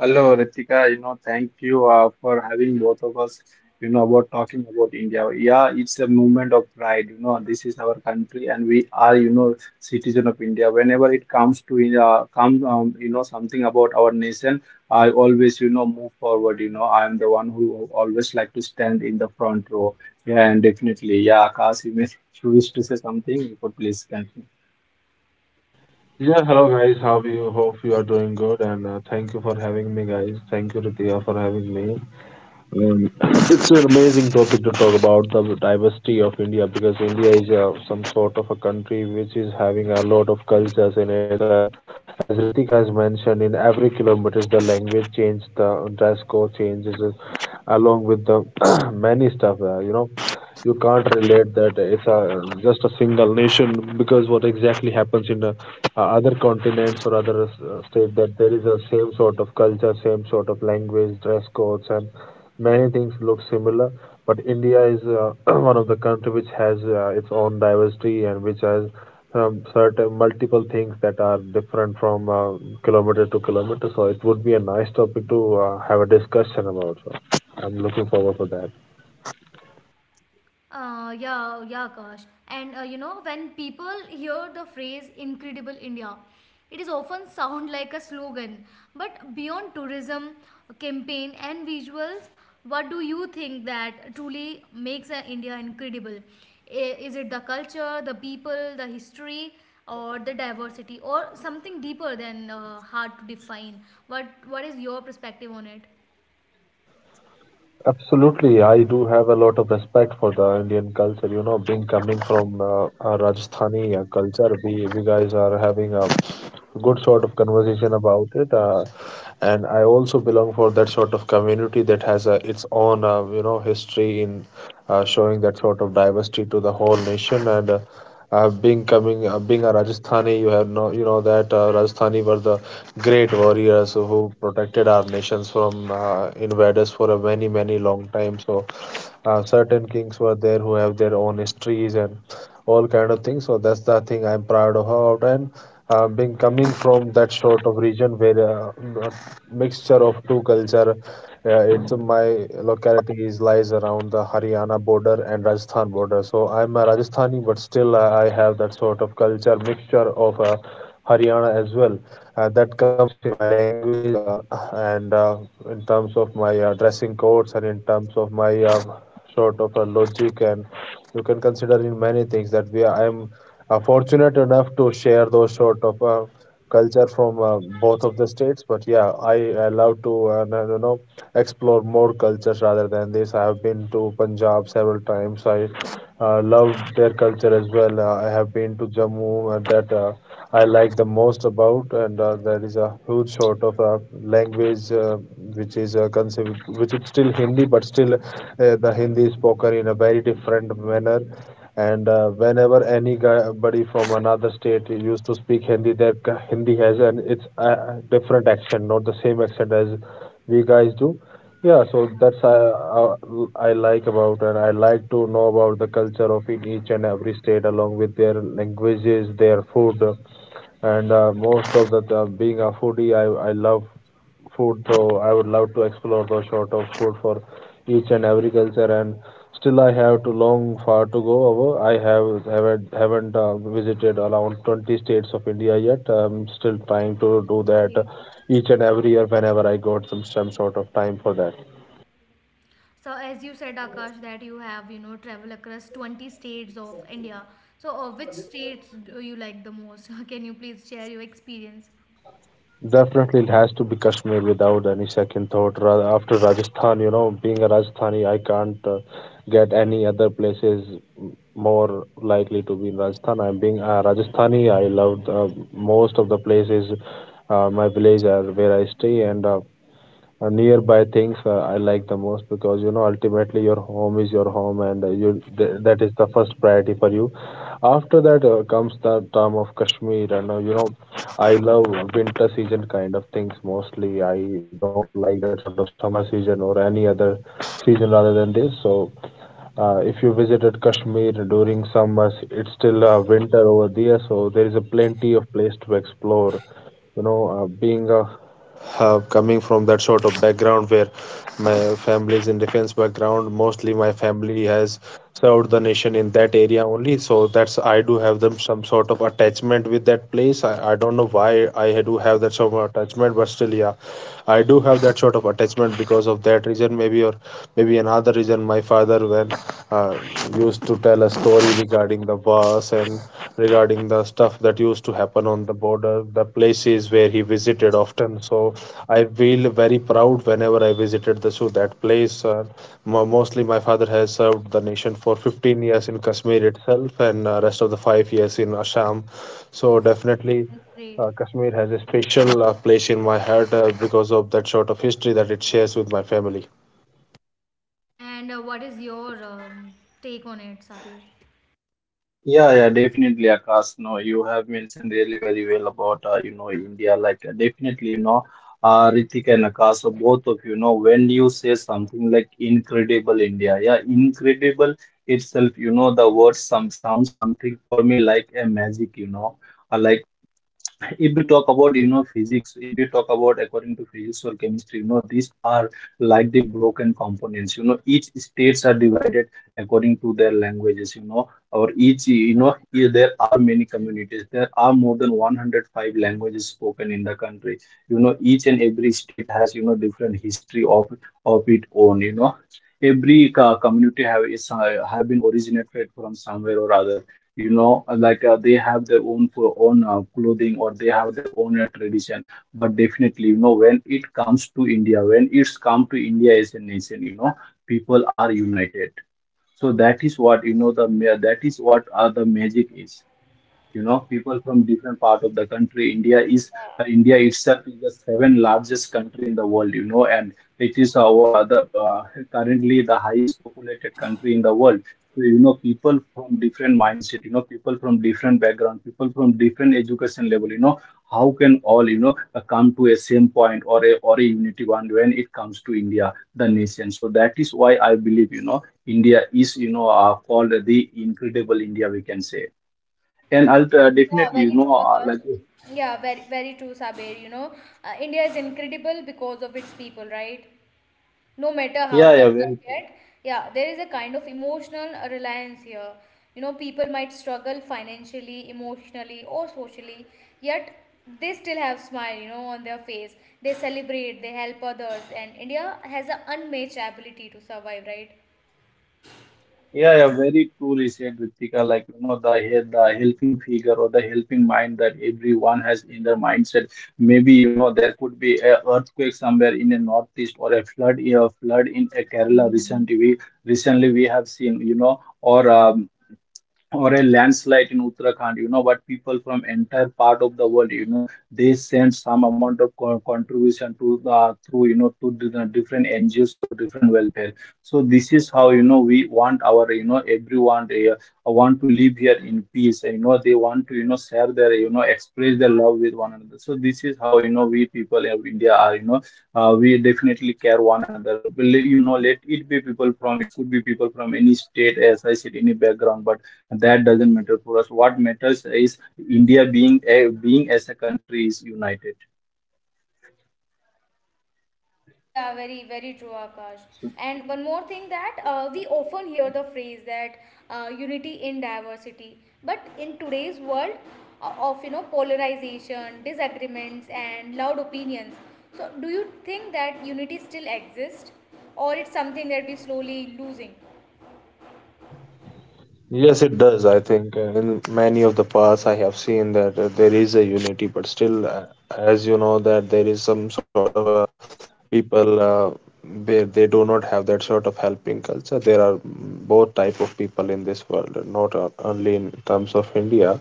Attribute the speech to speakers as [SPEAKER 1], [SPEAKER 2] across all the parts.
[SPEAKER 1] Hello, Ritika. Thank you for having both of us, about talking about India. Yeah, it's a movement of pride. You know, this is our country and we are, citizen of India. Whenever it comes to India, something about our nation, I always, move forward. You know, I am the one who always like to stand in the front row. Yeah, and definitely, yeah, Akash, you may wish to say something, you could please continue.
[SPEAKER 2] Yeah, hello guys. How are you? Hope you are doing good, and thank you for having me, guys. Thank you, Ritia, for having me. Um, it's an amazing topic to talk about the diversity of India because India is some sort of a country which is having a lot of cultures in it. As Ritik has mentioned, in every kilometer the language change, the dress code changes, along with the many stuff. You can't relate that it's just a single nation because what exactly happens in other continents or other state that there is a same sort of culture, same sort of language, dress codes, and many things look similar, but India is one of the country which has its own diversity and which has certain multiple things that are different from kilometer to kilometer. So it would be a nice topic to have a discussion about. So I'm looking forward for that. Absolutely, I do have a lot of respect for the Indian culture. You know, being coming from Rajasthani culture, we guys are having a good sort of conversation about it. And I also belong for that sort of community that has its own, you know, history in showing that sort of diversity to the whole nation. And being being a Rajasthani, you have no, you know that Rajasthani were the great warriors who protected our nations from invaders for a many, many long time. So certain kings were there who have their own histories and all kind of things. So that's the thing I'm proud about. And being coming from that sort of region where a mixture of two culture, it's my locality is lies around the Haryana border and Rajasthan border. So I'm a Rajasthani, but still I have that sort of culture mixture of Haryana as well. That comes in my language and in terms of my dressing codes and in terms of my sort of a logic and you can consider in many things that I am fortunate enough to share those sort of culture from both of the states. But I love to you know explore more cultures rather than this. I have been to Punjab several times. I love their culture as well. I have been to Jammu, and that I like the most about. And There is a huge sort of language which is conceived, which is still Hindi, but still the Hindi is spoken in a very different manner. And Whenever anybody from another state used to speak Hindi, Hindi has an it's a different accent, not the same accent as we guys do. Yeah, so that's I like about, and I like to know about the culture of in each and every state along with their languages, their food, and most of being a foodie, I love food. So I would love to explore those sort of food for each and every culture. And Still I have to long far to go over. I have haven't visited around 20 states of India yet. I'm still trying to
[SPEAKER 3] That
[SPEAKER 2] do
[SPEAKER 3] is
[SPEAKER 2] that
[SPEAKER 3] great.
[SPEAKER 2] each and every year whenever I got some sort of time for that.
[SPEAKER 3] So as you said, Akash, that you have, travel across 20 states of India. So which states do you like the most? Can you please share your experience?
[SPEAKER 2] Definitely, it has to be Kashmir without any second thought. After Rajasthan, you know, being a Rajasthani, I can't get any other places more likely to be in Rajasthan. I'm being a Rajasthani. I love most of the places, my village are where I stay, and nearby things I like the most, because you know ultimately your home is your home, and
[SPEAKER 3] True.
[SPEAKER 2] that is the first priority for you. After that comes the term of Kashmir, and you know I love winter season kind of things mostly. I don't like that sort of summer season or any other season rather than this. So if you visited Kashmir during summers, it's still winter over there, so there is a plenty of place to explore. Being a coming from that sort of background where my family is in defense background. Mostly my family has served the nation in that area only, so that's I do have them some sort of attachment with that place. I don't know why I do have that sort of attachment, but still yeah, I do have that sort of attachment because of that reason, maybe, or maybe another reason. My father, when uh, used to tell a story regarding the war us, and regarding the stuff that used to happen on the border, the places where he visited often. So I feel very proud whenever I visited the so that place. Mostly, my father has served the nation for 15 years in Kashmir itself, and rest of the 5 years in Assam. So definitely.
[SPEAKER 3] That's great.
[SPEAKER 2] Kashmir has a special place in my heart because of that sort of history that it shares with my family.
[SPEAKER 3] And what is your take on it, Sabir?
[SPEAKER 1] Yeah, yeah, definitely, Akash. No, you have mentioned really very well about you know India. Definitely, you know, Ritik and Akash, both of you know when you say something like incredible India, yeah, incredible itself, you know, the word some sounds something for me like a magic, you know, uh, like if we talk about you know physics, if we talk about according to physics or chemistry, you know these are like the broken components. You know, each states are divided according to their languages, you know, or each there are many communities, there are more than 105 languages spoken in the country. You know, each and every state has you know different history of its own. You know, every community have been originated from somewhere or other, you know. They have their own clothing, or they have their own tradition. But definitely, you know, when it comes to India, when it's come to India as a nation, you know, people are united. So that is what you know that is what the magic is. You know, people from different part of the country, India is India itself is the seventh largest country in the world, you know, and it is our the currently the highest populated country in the world. So you know, people from different mindset, you know, people from different background, people from different education level know how can all you know come to a same point or a unity one when it comes to India the nation. So that is why I believe, you know, India is you know called the incredible India, we can say. And I'll
[SPEAKER 3] Yeah,
[SPEAKER 1] definitely, you
[SPEAKER 3] very
[SPEAKER 1] know,
[SPEAKER 3] true, Akash. Yeah, very very true, Sabir. You know, India is incredible because of its people, right? No matter how tough life get, yeah, there is a kind of emotional reliance here. You know, people might struggle financially, emotionally, or socially, yet they still have smile, you know, on their face. They celebrate, they help others, and India has an unmatched ability to survive, right?
[SPEAKER 1] yeah, yeah, very truly said, Ritika, like, you know, the helping figure or the helping mind that everyone has in their mindset. Maybe, you know, there could be a earthquake somewhere in the northeast or a flood in a Kerala recently. We Recently we have seen, you know, or a landslide in Uttarakhand, you know, but people from entire part of the world, you know, they send some amount of contribution to through, you know, to the different NGOs or different welfare. So this is how, you know, we want our, you know, everyone they want to live here in peace. And, you know, they want to, you know, share their, you know, express their love with one another. So this is how, you know, we people of India are, you know, we definitely care one another. Well, you know, let it be people from, it could be people from any state, as I said, any background, but that doesn't matter for us. What matters is India being a being as a country is united.
[SPEAKER 3] Yeah, very, very true, Akash.
[SPEAKER 1] So
[SPEAKER 3] And one more thing, that we often hear the phrase that unity in diversity. But in today's world of, you know, polarization, disagreements, and loud opinions, so do you think that unity still exists, or it's something that we're slowly losing?
[SPEAKER 2] Yes, it does. I think in many of the parts I have seen that there is a unity, but still, as you know, that there is some sort of people where they do not have that sort of helping culture. There are both type of people in this world, not only in terms of India.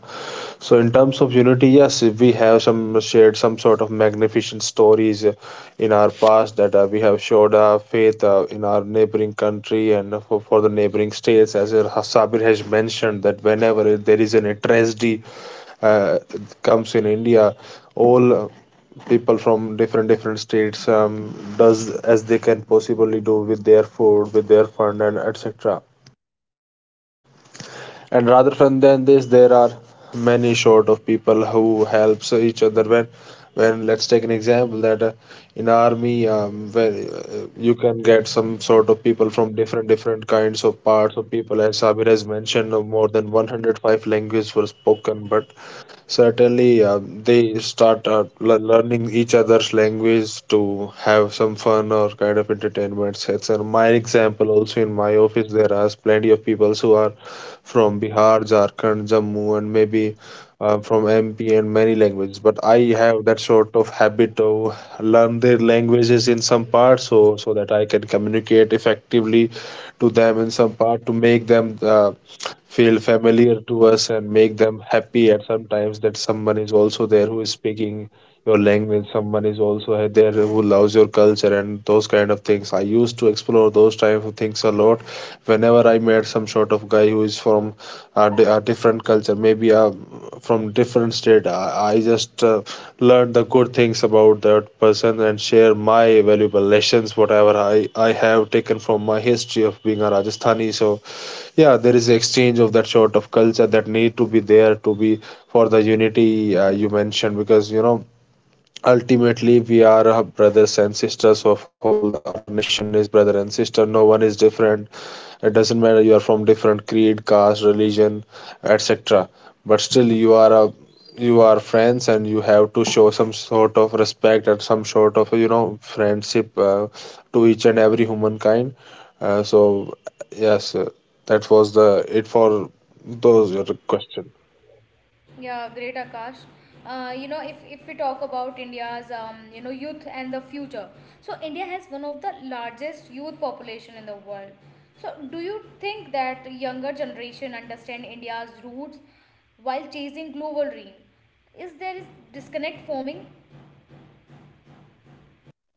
[SPEAKER 2] So in terms of unity, yes, we have some shared some sort of magnificent stories in our past that we have showed our faith in our neighboring country and for the neighboring states. As Sabir has mentioned, that whenever there is any tragedy uh, comes in India, all people from different states does as they can possibly do with their food, with their fund, and etc. And rather than this there are many sort of people who helps each other, when let's take an example that in army, where you can get some sort of people from different kinds of parts of people. As Sabir has mentioned, more than 105 languages were spoken, but certainly, they start learning each other's language to have some fun or kind of entertainment. So it's my example also in my office. There are plenty of people who are from Bihar, Jharkhand, Jammu, and maybe from MP and many languages. But I have that sort of habit to learn their languages in some parts, so that I can communicate effectively to them in some part, to make them feel familiar to us and make them happy at sometimes that someone is also there who is speaking your language. Someone is also there who loves your culture and those kind of things. I used to explore those type of things a lot whenever I met some sort of guy who is from a different culture, maybe a from different state. I just learned the good things about that person and share my valuable lessons, whatever I have taken from my history of being a Rajasthani. So, yeah, there is exchange of that sort of culture that need to be there to be for the unity you mentioned, because you know ultimately, we are brothers and sisters of whole. Our nation is brother and sister. No one is different. It doesn't matter you are from different creed, caste, religion, etc. But still, you are friends, and you have to show some sort of respect and some sort of you know friendship to each and every humankind. So yes, that was the it for those your question.
[SPEAKER 3] Yeah, great Akash. You know, if we talk about India's you know, youth and the future, so India has one of the largest youth population in the world. So, do you think that younger generation understand India's roots while chasing global dream? Is there is disconnect forming?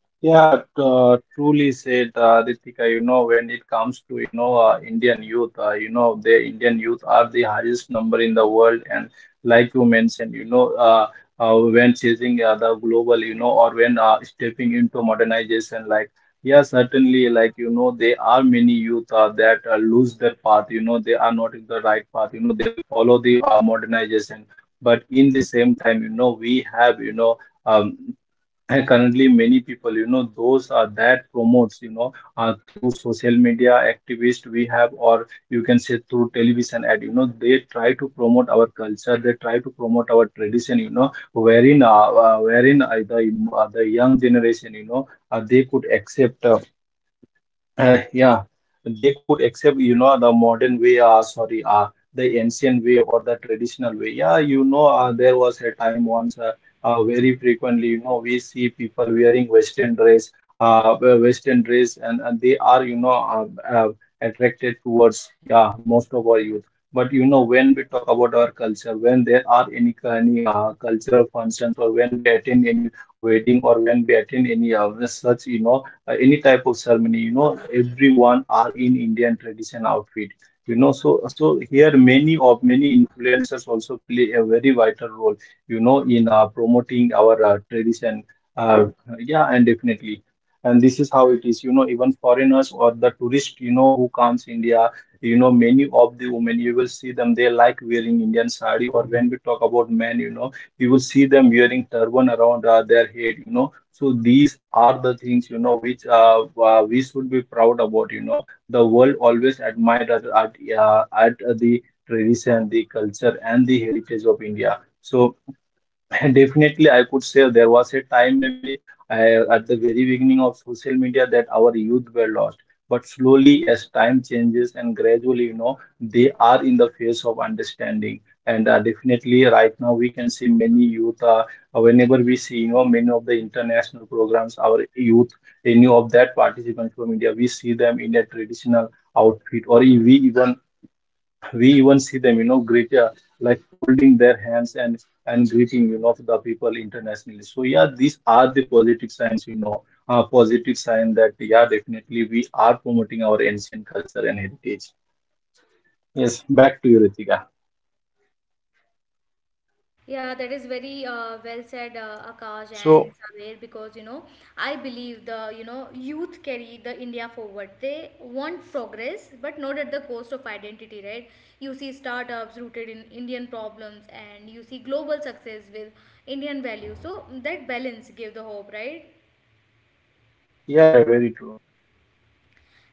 [SPEAKER 1] yeah, truly said, Ritika, you know, when it comes to, you know, Indian youth, you know, the Indian youth are the highest number in the world. And like you mentioned, you know, when chasing the global, you know, or when stepping into modernization, like, yeah, certainly, like, you know, there are many youth that lose their path, you know, they are not in the right path, you know, they follow the modernization. But in the same time, you know, we have, you know, um, and currently, many people, you know, those are that promotes, you know, through social media activists we have, or you can say through television ad, you know, they try to promote our culture, they try to promote our tradition, you know, wherein the young generation, you know, they could accept yeah, they could accept, you know, the modern way, sorry, the ancient way or the traditional way. Yeah, you know, there was a time once, very frequently, you know, we see people wearing Western dress, Western dress, and they are, you know, attracted towards, yeah, most of our youth. But, you know, when we talk about our culture, when there are any cultural functions, or when we attend any wedding, or when we attend any such, you know, any type of ceremony, you know, everyone are in Indian tradition outfit, you know. So so here many of many influencers also play a very vital role, you know, in promoting our tradition. uh, yeah, and definitely, and this is how it is, you know. Even foreigners or the tourist, you know, who comes India, you know, many of women you will see them they like wearing Indian sari. Or when we talk about men, you know, you will see them wearing turban around their head, you know. So these are the things, you know, which we should be proud about, you know. The world always admired at the tradition, the culture, and the heritage of India. So definitely, I could say there was a time maybe at the very beginning of social media that our youth were lost. But slowly, as time changes and gradually, you know, they are in the phase of understanding. And definitely, right now, we can see many youth. Whenever we see, you know, many of the international programs, our youth, any of that participants from India, we see them in a traditional outfit, we even see them you know greet like holding their hands and greeting you know the people internationally. So yeah, these are the positive signs, you know, positive sign that yeah, definitely, we are promoting our ancient culture and heritage. Yes, back to you, Ritika.
[SPEAKER 3] Yeah, that is very well said, Akash
[SPEAKER 1] So
[SPEAKER 3] and Saber, because you know, I believe the, you know, youth carry the India forward. They want progress, but not at the cost of identity, right? You see startups rooted in Indian problems, and you see global success with Indian values. So that balance give the hope, right?
[SPEAKER 1] yeah, yeah, very true.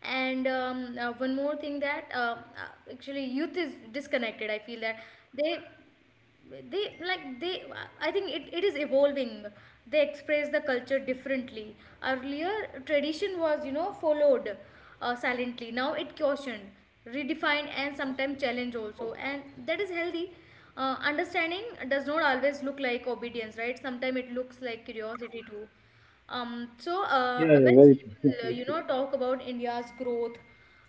[SPEAKER 3] And one more thing, that actually youth is disconnected. I feel that they they I think it is evolving. They express the culture differently. Earlier, tradition was, you know, followed silently. Now it cautioned, redefined, and sometimes challenged also, and that is healthy. Understanding does not always look like obedience, right? Sometimes it looks like curiosity too. So
[SPEAKER 1] Yeah,
[SPEAKER 3] when
[SPEAKER 1] yeah, very
[SPEAKER 3] people,
[SPEAKER 1] true.
[SPEAKER 3] you know, talk about India's growth,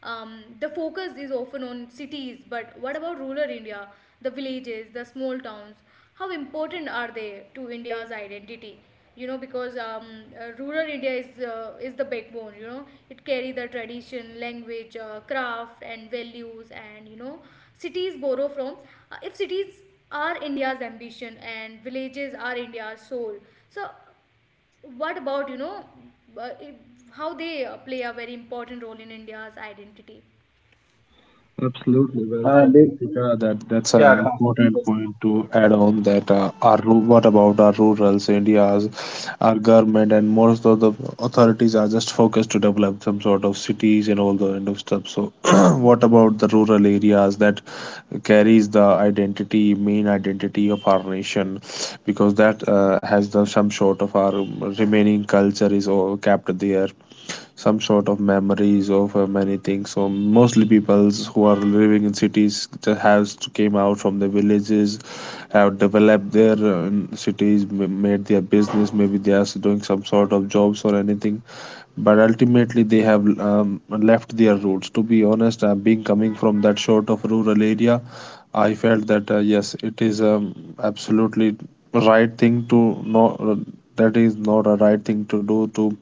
[SPEAKER 3] the focus is often on cities. But what about rural India, the villages, the small towns? How important are they to India's identity? You know, because rural India is, is the backbone. You know, it carry the tradition, language, craft, and values. And, you know, cities borrow from. If cities are India's ambition and villages are India's soul. So what about, you know, uh, if- how they play a very important role in India's identity?
[SPEAKER 2] Absolutely well
[SPEAKER 1] uh,
[SPEAKER 2] said,
[SPEAKER 1] de-
[SPEAKER 2] Ritika. That's an
[SPEAKER 1] yeah, Akash,
[SPEAKER 2] important point to add on. That what about our rurals, India's, our government, and most of the authorities are just focused to develop some sort of cities and all the kind of stuff. So, what about the rural areas that carries the identity, main identity of our nation, because that has the some sort of our remaining culture is all kept there, some sort of memories of many things. So mostly peoples who are living in cities that has came out from the villages, have developed their cities, made their business. Maybe they are doing some sort of jobs or anything, but ultimately they have left their roots. To be honest, being coming from that sort of rural area, I felt that yes, it is, absolutely right thing to not that is not a right thing to do to,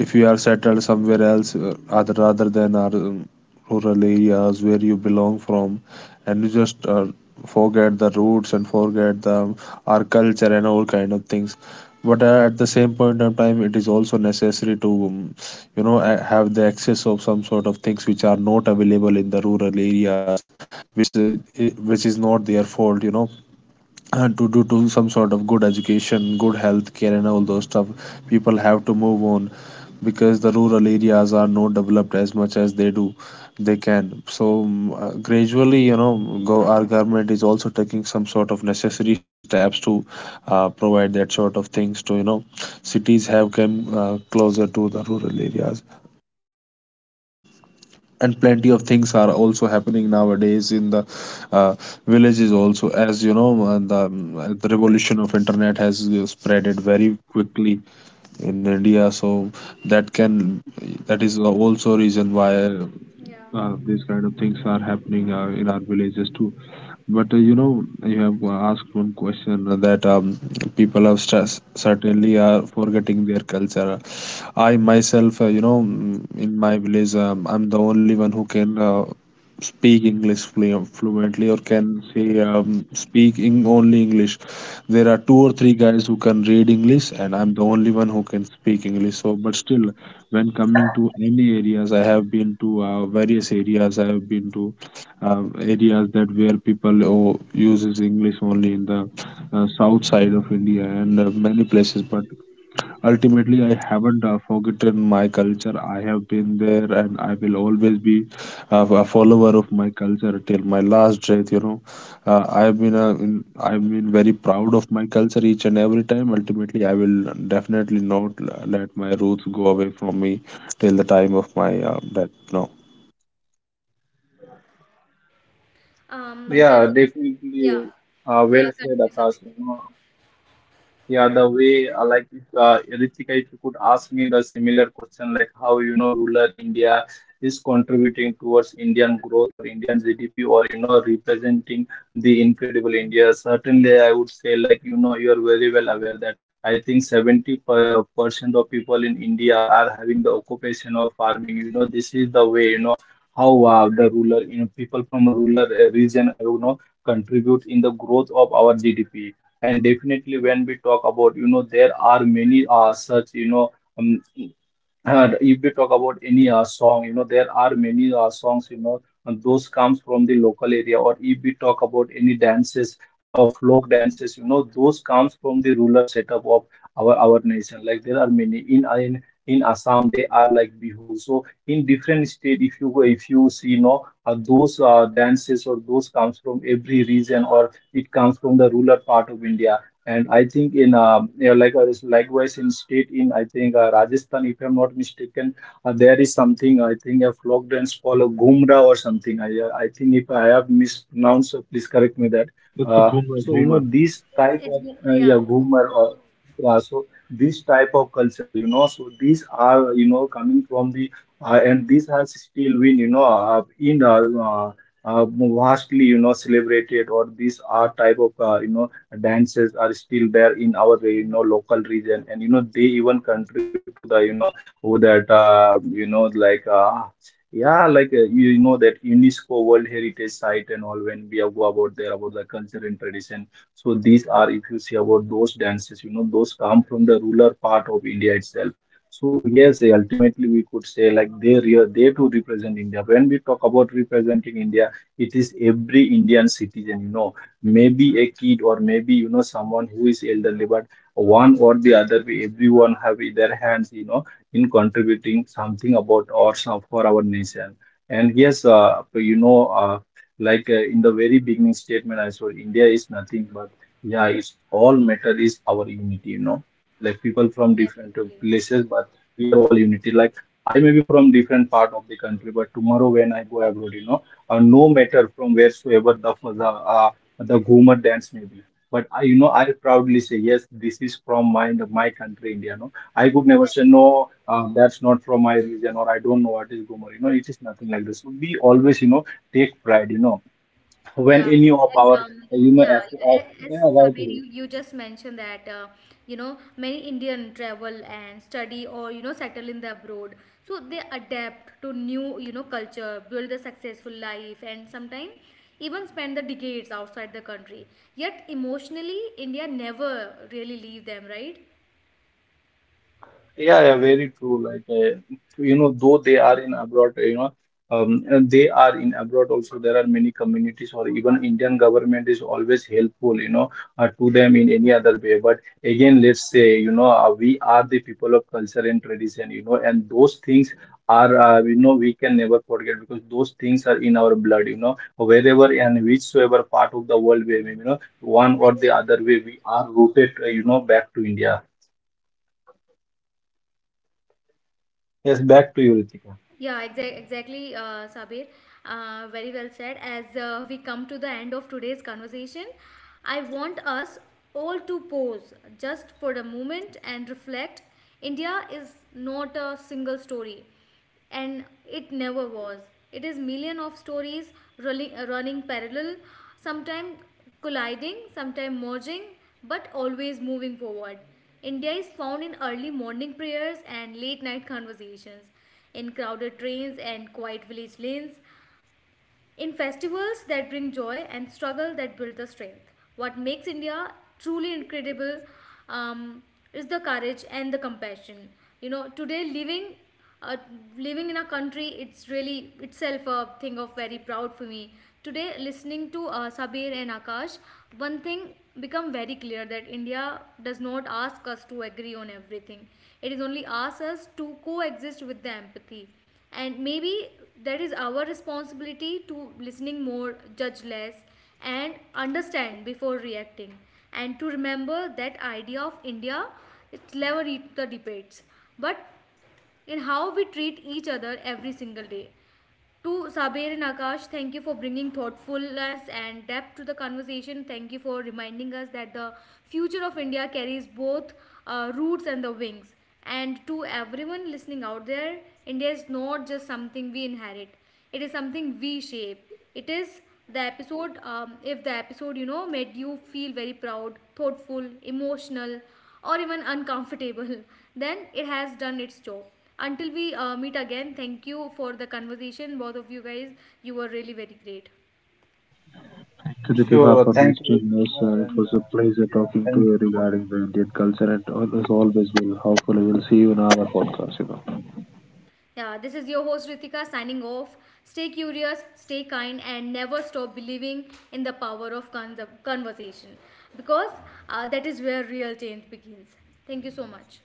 [SPEAKER 2] if you are settled somewhere else other rather than our rural areas where you belong from, and you just forget the roots and forget the our culture and all kind of things. But at the same point of time it is also necessary to you know a- have the access of some sort of things which are not available in the rural areas which I- which is not their fault you know to do to some sort of good education, good health care, and all those stuff. People have to move on because the rural areas are not developed as much as they do they can. So mm, gradually, you know, go, our government is also taking some sort of necessary steps to provide that sort of things to you know cities have come closer to the rural areas and plenty of things are also happening nowadays in the uh, villages also as you know the revolution of internet has spread it very quickly in india so that can that is also a reason why
[SPEAKER 3] Yeah.
[SPEAKER 2] these kind of things are happening in our villages too but you know, you have asked one question that people have stress, certainly are forgetting their culture. I myself, in my village, I'm the only one who can fluently, or can say speak in only English. There are two or three guys who can read English, and I'm the only one who can speak English. So, but still, when coming to any areas, I have been to various areas. I have been to areas that where people oh, uses English only in the south side of India and many places, but ultimately, I haven't forgotten my culture. I have been there and I will always be a follower of my culture till my last breath, you know. I've been very proud of my culture each and every time. Ultimately, I will definitely not let my roots go away from me till the time of my death. No.
[SPEAKER 1] yeah,
[SPEAKER 3] Yes. Yeah.
[SPEAKER 1] definitely.
[SPEAKER 3] Yeah.
[SPEAKER 1] Well said,
[SPEAKER 3] Continue, Sabi.
[SPEAKER 1] Akash, you know. Yeah, the way if, Ritika, if you could ask me the similar question, like how you know rural India is contributing towards Indian growth or Indian GDP, or you know representing the incredible India. Certainly, I would say, like you know you are very well aware that I think 70% of people in India are having the occupation of farming. You know, this is the way, you know, how the rural you know people from rural region you know contribute in the growth of our GDP. And definitely, when we talk about, you know, there are many such you know um, if we talk about any song, you know, there are many songs, you know, and those comes from the local area. Or if we talk about any dances, folk dances, you know, those comes from the rural setup of our nation. Like there are many in in Assam, they are like Bihu. So in different state, if you go, if you see, you know, those dances or those comes from every region, or it comes from the rural part of India. And I think in you like likewise in state in I think Rajasthan, if I'm not mistaken, there is something I think a folk dance called a Gumra or something. I think if I have mispronounced, please correct me that.
[SPEAKER 2] It's a
[SPEAKER 1] Uh, so you know
[SPEAKER 2] Goomer.
[SPEAKER 1] this type
[SPEAKER 3] It's,
[SPEAKER 1] of yeah,
[SPEAKER 3] yeah,
[SPEAKER 1] Ghumar or yeah, so this type of culture, you know, so these are you know coming from the and these has still been you know in vastly you know celebrated, or these are type of you know dances are still there in our you know local region. And you know they even contribute to the you know who that you know like yeah, you know that UNESCO World Heritage Site and all, when we go about the culture and tradition. So these are, if you see about those dances, you know, those come from the rural part of India itself. So yes, ultimately we could say like they too represent India. When we talk about representing India, it is every Indian citizen, you know, maybe a kid, or maybe you know someone who is elderly, but one or the other way, everyone have their hands, you know, in contributing something about or some for our nation. And yes, you know, in the very beginning statement, I said India is nothing but yeah, it's all matter is our unity, you know, like people from different
[SPEAKER 3] definitely.
[SPEAKER 1] places. But we are all unity. Like I may be from different part of the country, but tomorrow when I go abroad, you know, no matter from wheresoever the Ghumar dance maybe. But I, you know, I proudly say yes, this is from my my country, India. No, I could never say no, that's not from my region, or I don't know what is Ghumar. You know, it is nothing like this. So we always, you know, take pride. You know, when
[SPEAKER 3] Yeah,
[SPEAKER 1] any of
[SPEAKER 3] as
[SPEAKER 1] our, you know,
[SPEAKER 3] yeah, yeah,
[SPEAKER 1] as
[SPEAKER 3] as
[SPEAKER 1] yeah,
[SPEAKER 3] Sabir,
[SPEAKER 1] rightly.
[SPEAKER 3] you just mentioned that, you know, many Indian travel and study or, you know, settle in the abroad, so they adapt to new, you know, culture, build a successful life, and sometimes even spend the decades outside the country. Yet emotionally, India never really leave them, right?
[SPEAKER 1] Yeah, yeah, very true. You know, though they are in abroad, you know, and they are in abroad also. There are many communities, or even Indian government is always helpful, you know, to them in any other way. But again, let's say, you know, we are the people of culture and tradition, you know, and those things are, you know, we can never forget, because those things are in our blood, you know, wherever and whichsoever part of the world we, may, you know, one or
[SPEAKER 3] Very
[SPEAKER 1] the
[SPEAKER 3] well said.
[SPEAKER 1] other way, we are rooted, you know, back to India. Yes, back to you, Ritika.
[SPEAKER 3] Yeah, exactly, Sabir. Very well said. As we come to the end of today's conversation, I want us all to pause just for a moment and reflect. India is not a single story, and it never was. It is million of stories rolling, running parallel, sometimes colliding, sometimes merging, but always moving forward. India is found in early morning prayers and late night conversations, in crowded trains and quiet village lanes, in festivals that bring joy and struggle that build the strength. What makes India truly incredible um, is the courage and the compassion. You know, today living, uh, living in a country, it's really itself a thing of very proud for me. Today, listening to Sabir and Akash, one thing become very clear that India does not ask us to agree on everything. It is only asks us to coexist with the empathy, and maybe that is our responsibility to listening more, judge less, and understand before reacting, and to remember that idea of India, it never eat the debates, but in how we treat each other every single day. To Sabir and Akash, thank you for bringing thoughtfulness and depth to the conversation. Thank you for reminding us that the future of India carries both roots and the wings. And to everyone listening out there, India is not just something we inherit, it is something V shape. It is the episode, if the episode, you know, made you feel very proud, thoughtful, emotional, or even uncomfortable, then it has done its job. Until we meet again, thank you for the conversation, both of you guys. You were really very great.
[SPEAKER 2] To Latifa for
[SPEAKER 1] Sure.
[SPEAKER 2] hosting us.
[SPEAKER 1] Thank you,
[SPEAKER 2] It was a
[SPEAKER 1] Ritika,
[SPEAKER 2] pleasure
[SPEAKER 1] and
[SPEAKER 2] talking to you
[SPEAKER 1] yeah,
[SPEAKER 2] regarding
[SPEAKER 1] thank
[SPEAKER 2] the
[SPEAKER 1] you both.
[SPEAKER 2] Indian culture, and as always, will hopefully we'll see you in our podcast. You know.
[SPEAKER 3] Yeah, this is your host Ritika signing off. Stay curious, stay kind, and never stop believing in the power of conversation, because that is where real change begins. Thank you so much.